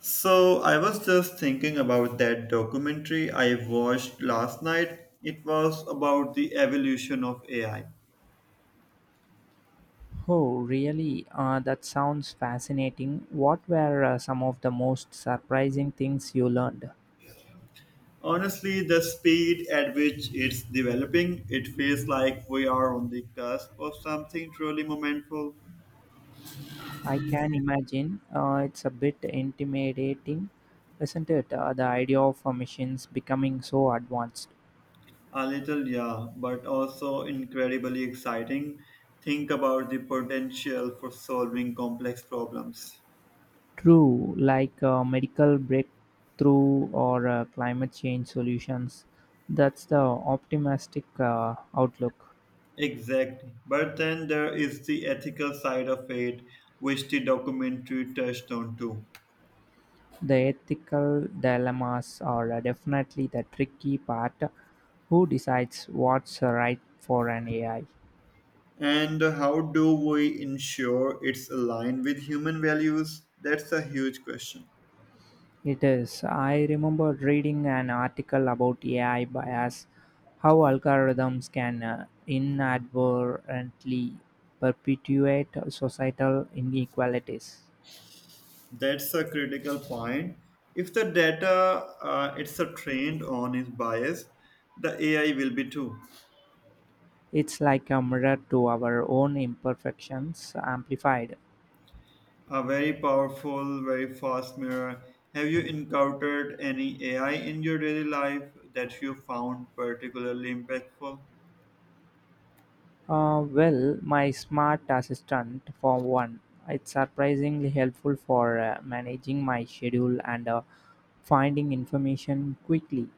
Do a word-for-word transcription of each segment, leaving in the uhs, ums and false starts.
So I was just thinking about that documentary I watched last night. It was about the evolution of A I. Oh, really? Uh, that sounds fascinating. What were uh, some of the most surprising things you learned? Honestly, the speed at which it's developing, it feels like we are on the cusp of something truly momentful. I can imagine, uh, it's a bit intimidating, isn't it? Uh, the idea of uh, machines becoming so advanced. A little, yeah, but also incredibly exciting. Think about the potential for solving complex problems. True, like uh, medical breakthrough or uh, climate change solutions. That's the optimistic uh, outlook. Exactly. But then there is the ethical side of it, which the documentary touched on too. The ethical dilemmas are, uh, definitely the tricky part. Who decides what's right for an A I? And how do we ensure it's aligned with human values? That's a huge question. It is. I remember reading an article about A I bias, how algorithms can uh, inadvertently perpetuate societal inequalities. That's a critical point. If the data uh, it's a trained on is biased, the A I will be too. It's like a mirror to our own imperfections amplified. A very powerful, very fast mirror. Have you encountered any A I in your daily life that you found particularly impactful? Uh, well, my smart assistant, for one, it's surprisingly helpful for uh, managing my schedule and uh, finding information quickly.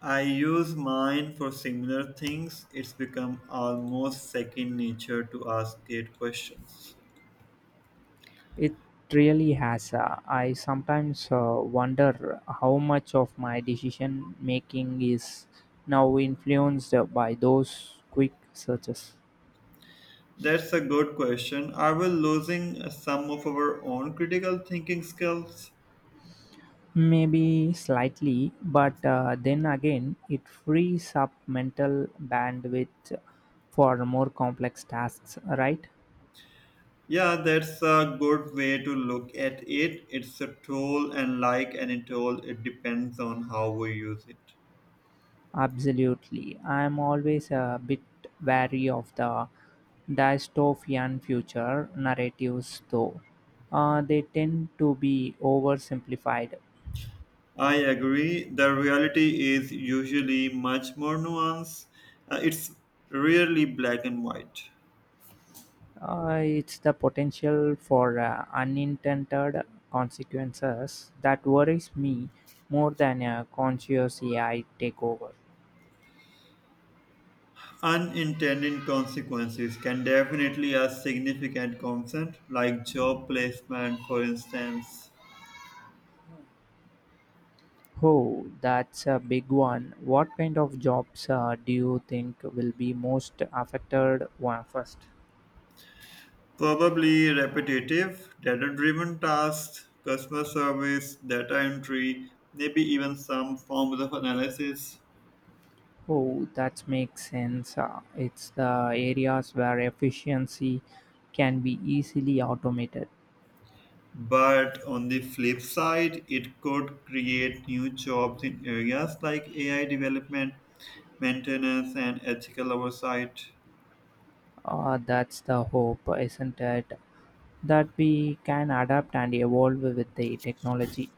I use mine for similar things. It's become almost second nature to ask it questions. It really has. Uh, I sometimes uh, wonder how much of my decision making is now influenced by those quick searches. That's a good question. Are we losing some of our own critical thinking skills? Maybe slightly, but uh, then again, it frees up mental bandwidth for more complex tasks, right? Yeah, that's a good way to look at it. It's a tool, and like any tool, it depends on how we use it. Absolutely. I am always a bit wary of the dystopian future narratives, though. Uh, they tend to be oversimplified. I agree. The reality is usually much more nuanced. Uh, it's rarely black and white. Uh, it's the potential for uh, unintended consequences that worries me more than a conscious A I takeover. Unintended consequences can definitely have significant concerns, like job placement, for instance. Oh, that's a big one. What kind of jobs uh, do you think will be most affected one first? Probably repetitive, data driven tasks, customer service, data entry, maybe even some forms of analysis. Oh, that makes sense. Uh, It's the areas where efficiency can be easily automated. But on the flip side, it could create new jobs in areas like A I development, maintenance, and ethical oversight. Uh, that's the hope, isn't it? That we can adapt and evolve with the technology.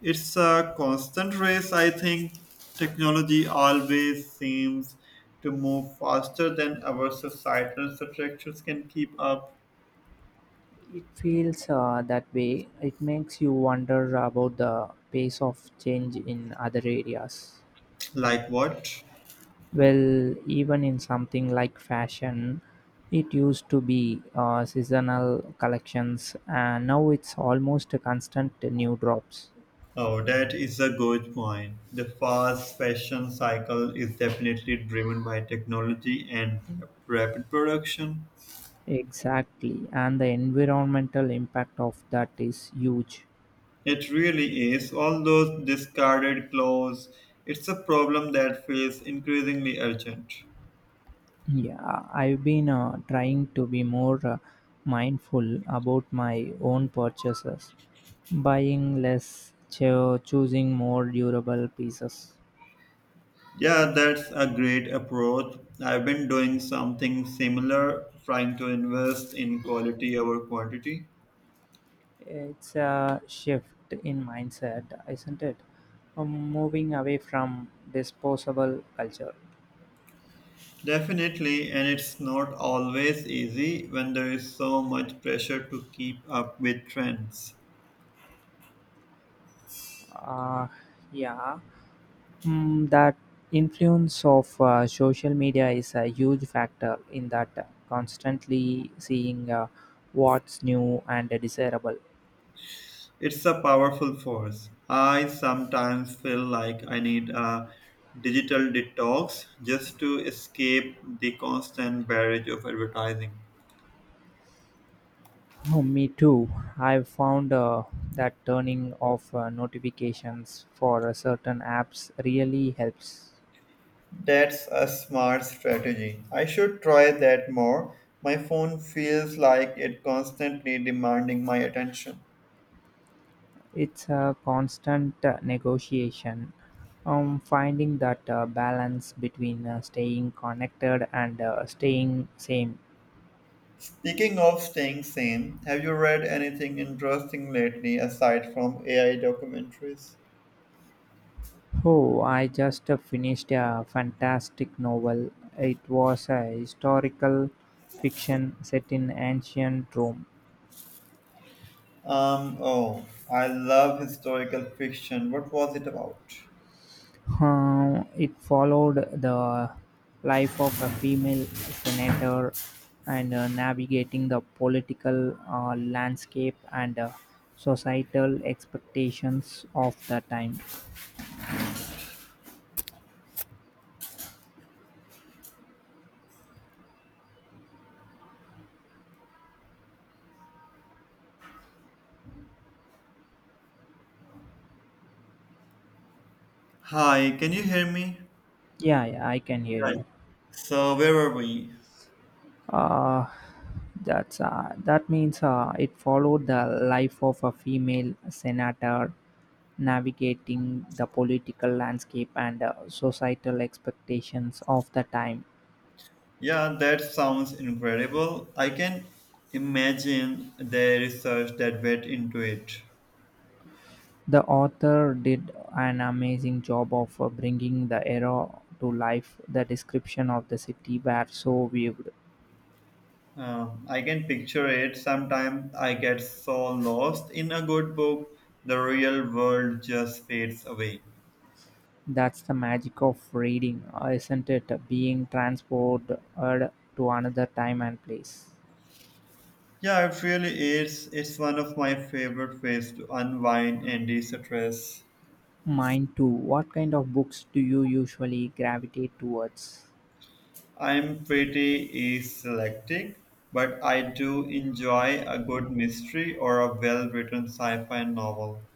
It's a constant race. I think technology always seems to move faster than our societal structures can keep up. It feels, uh, that way. It makes you wonder about the pace of change in other areas. Like what? Well, even in something like fashion, it used to be uh, seasonal collections, and now it's almost a constant new drops. Oh, that is a good point. The fast fashion cycle is definitely driven by technology and rapid production. Exactly, and the environmental impact of that is huge. It really is. All those discarded clothes, it's a problem that feels increasingly urgent. Yeah, I've been uh, trying to be more uh, mindful about my own purchases, buying less, cho- choosing more durable pieces. Yeah, that's a great approach. I've been doing something similar, trying to invest in quality over quantity. It's a shift in mindset, isn't it? Um, moving away from disposable culture. Definitely, and it's not always easy when there is so much pressure to keep up with trends. Uh, yeah. Mm, that influence of uh, social media is a huge factor in that, uh, constantly seeing uh, what's new and desirable. It's a powerful force. I sometimes feel like I need a digital detox just to escape the constant barrage of advertising. Oh, me too. I've found uh, that turning off uh, notifications for uh, certain apps really helps. That's a smart strategy. I should try that more. My phone feels like it constantly demanding my attention. It's a constant, uh, negotiation, um, finding that uh, balance between uh, staying connected and uh, staying same. Speaking of staying sane, have you read anything interesting lately aside from A I documentaries? Oh, I just uh, finished a fantastic novel. It was a historical fiction set in ancient Rome. Um, oh, I love historical fiction. What was it about? Uh, It followed the life of a female senator and uh, navigating the political uh, landscape and uh, societal expectations of the time. Hi, can you hear me? Yeah, yeah, I can hear Right. you. So, where were we? Uh, that's uh, that means uh, it followed the life of a female senator navigating the political landscape and uh, societal expectations of the time. Yeah, that sounds incredible. I can imagine the research that went into it. The author did an amazing job of uh, bringing the era to life. The description of the city were so vivid. Um, I can picture it. Sometimes I get so lost in a good book, the real world just fades away. That's the magic of reading, uh, isn't it? Being transported to another time and place. Yeah, it really is. It's one of my favorite ways to unwind and de stress. Mine too. What kind of books do you usually gravitate towards? I'm pretty eclectic, but I do enjoy a good mystery or a well written sci fi novel.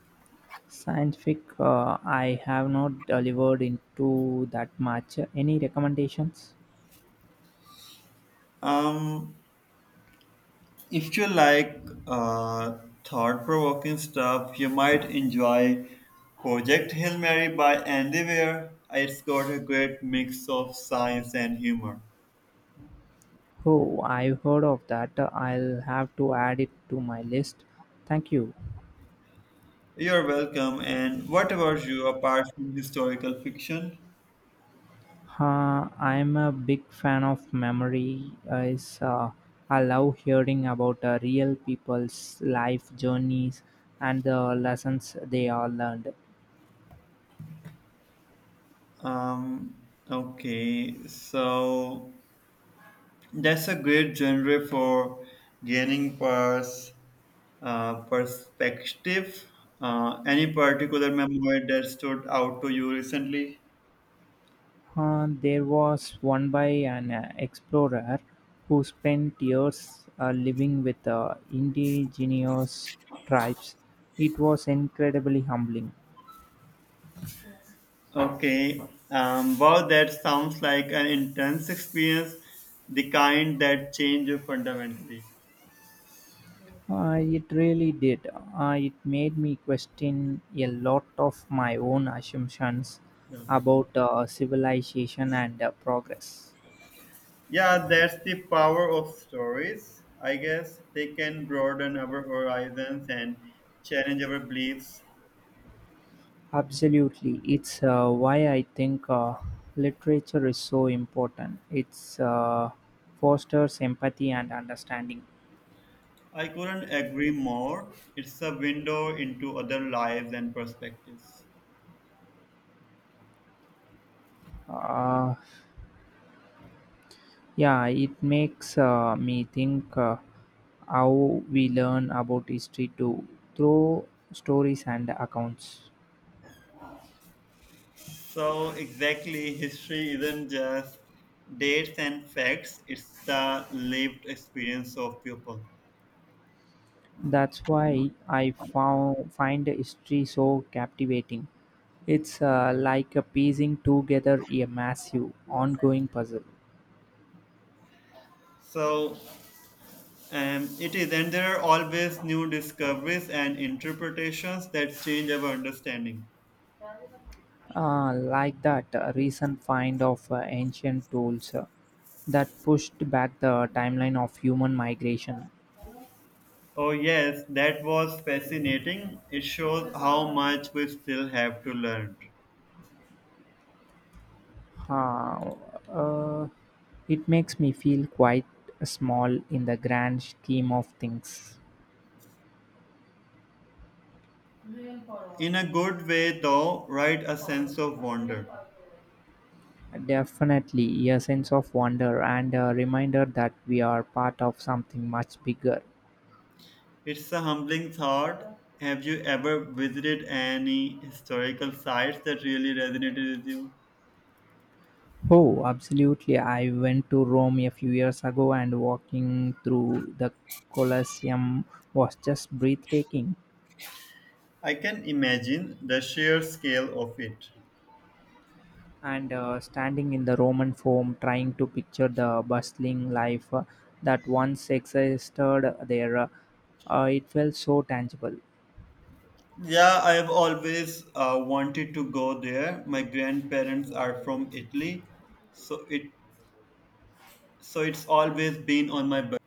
Scientific, uh, I have not delivered into that much. Any recommendations? Um, If you like uh, thought provoking stuff, you might enjoy Project Hail Mary by Andy Weir. It's got a great mix of science and humor. Oh, I've heard of that. I'll have to add it to my list. Thank you. You're welcome. And what about you apart from historical fiction? Uh, I'm a big fan of memory. Uh, Is uh, I love hearing about uh, real people's life journeys and the lessons they all learned. Um, okay, so that's a great genre for gaining pers- uh, perspective. Uh, any particular memoir that stood out to you recently? Uh, there was one by an uh, explorer who spent years uh, living with uh, indigenous tribes. It was incredibly humbling. Okay. Um, wow, that sounds like an intense experience, the kind that change you fundamentally. Uh, it really did. Uh, it made me question a lot of my own assumptions Yeah, about uh, civilization and uh, progress. Yeah, that's the power of stories. I guess they can broaden our horizons and challenge our beliefs. Absolutely. It's uh, why I think uh, literature is so important. It's, uh, fosters empathy and understanding. I couldn't agree more. It's a window into other lives and perspectives. Uh, yeah, it makes uh, me think uh, how we learn about history too through stories and accounts. So, exactly, history isn't just dates and facts, it's the lived experience of people. That's why I found, find history so captivating. It's uh, like a piecing together a massive, ongoing puzzle. So, Um, it is, and there are always new discoveries and interpretations that change our understanding. Uh, like that uh, recent find of uh, ancient tools uh, that pushed back the timeline of human migration. Oh, yes, that was fascinating. It shows how much we still have to learn. Uh, uh, it makes me feel quite small in the grand scheme of things. In a good way, though, right? A sense of wonder. Definitely a sense of wonder and a reminder that we are part of something much bigger. It's a humbling thought. Have you ever visited any historical sites that really resonated with you? Oh, absolutely. I went to Rome a few years ago and walking through the Colosseum was just breathtaking. I can imagine the sheer scale of it. And uh, standing in the Roman Forum trying to picture the bustling life uh, that once existed there, uh, uh, it felt so tangible. Yeah, I have always uh, wanted to go there. My grandparents are from Italy, so it so it's always been on my bucket.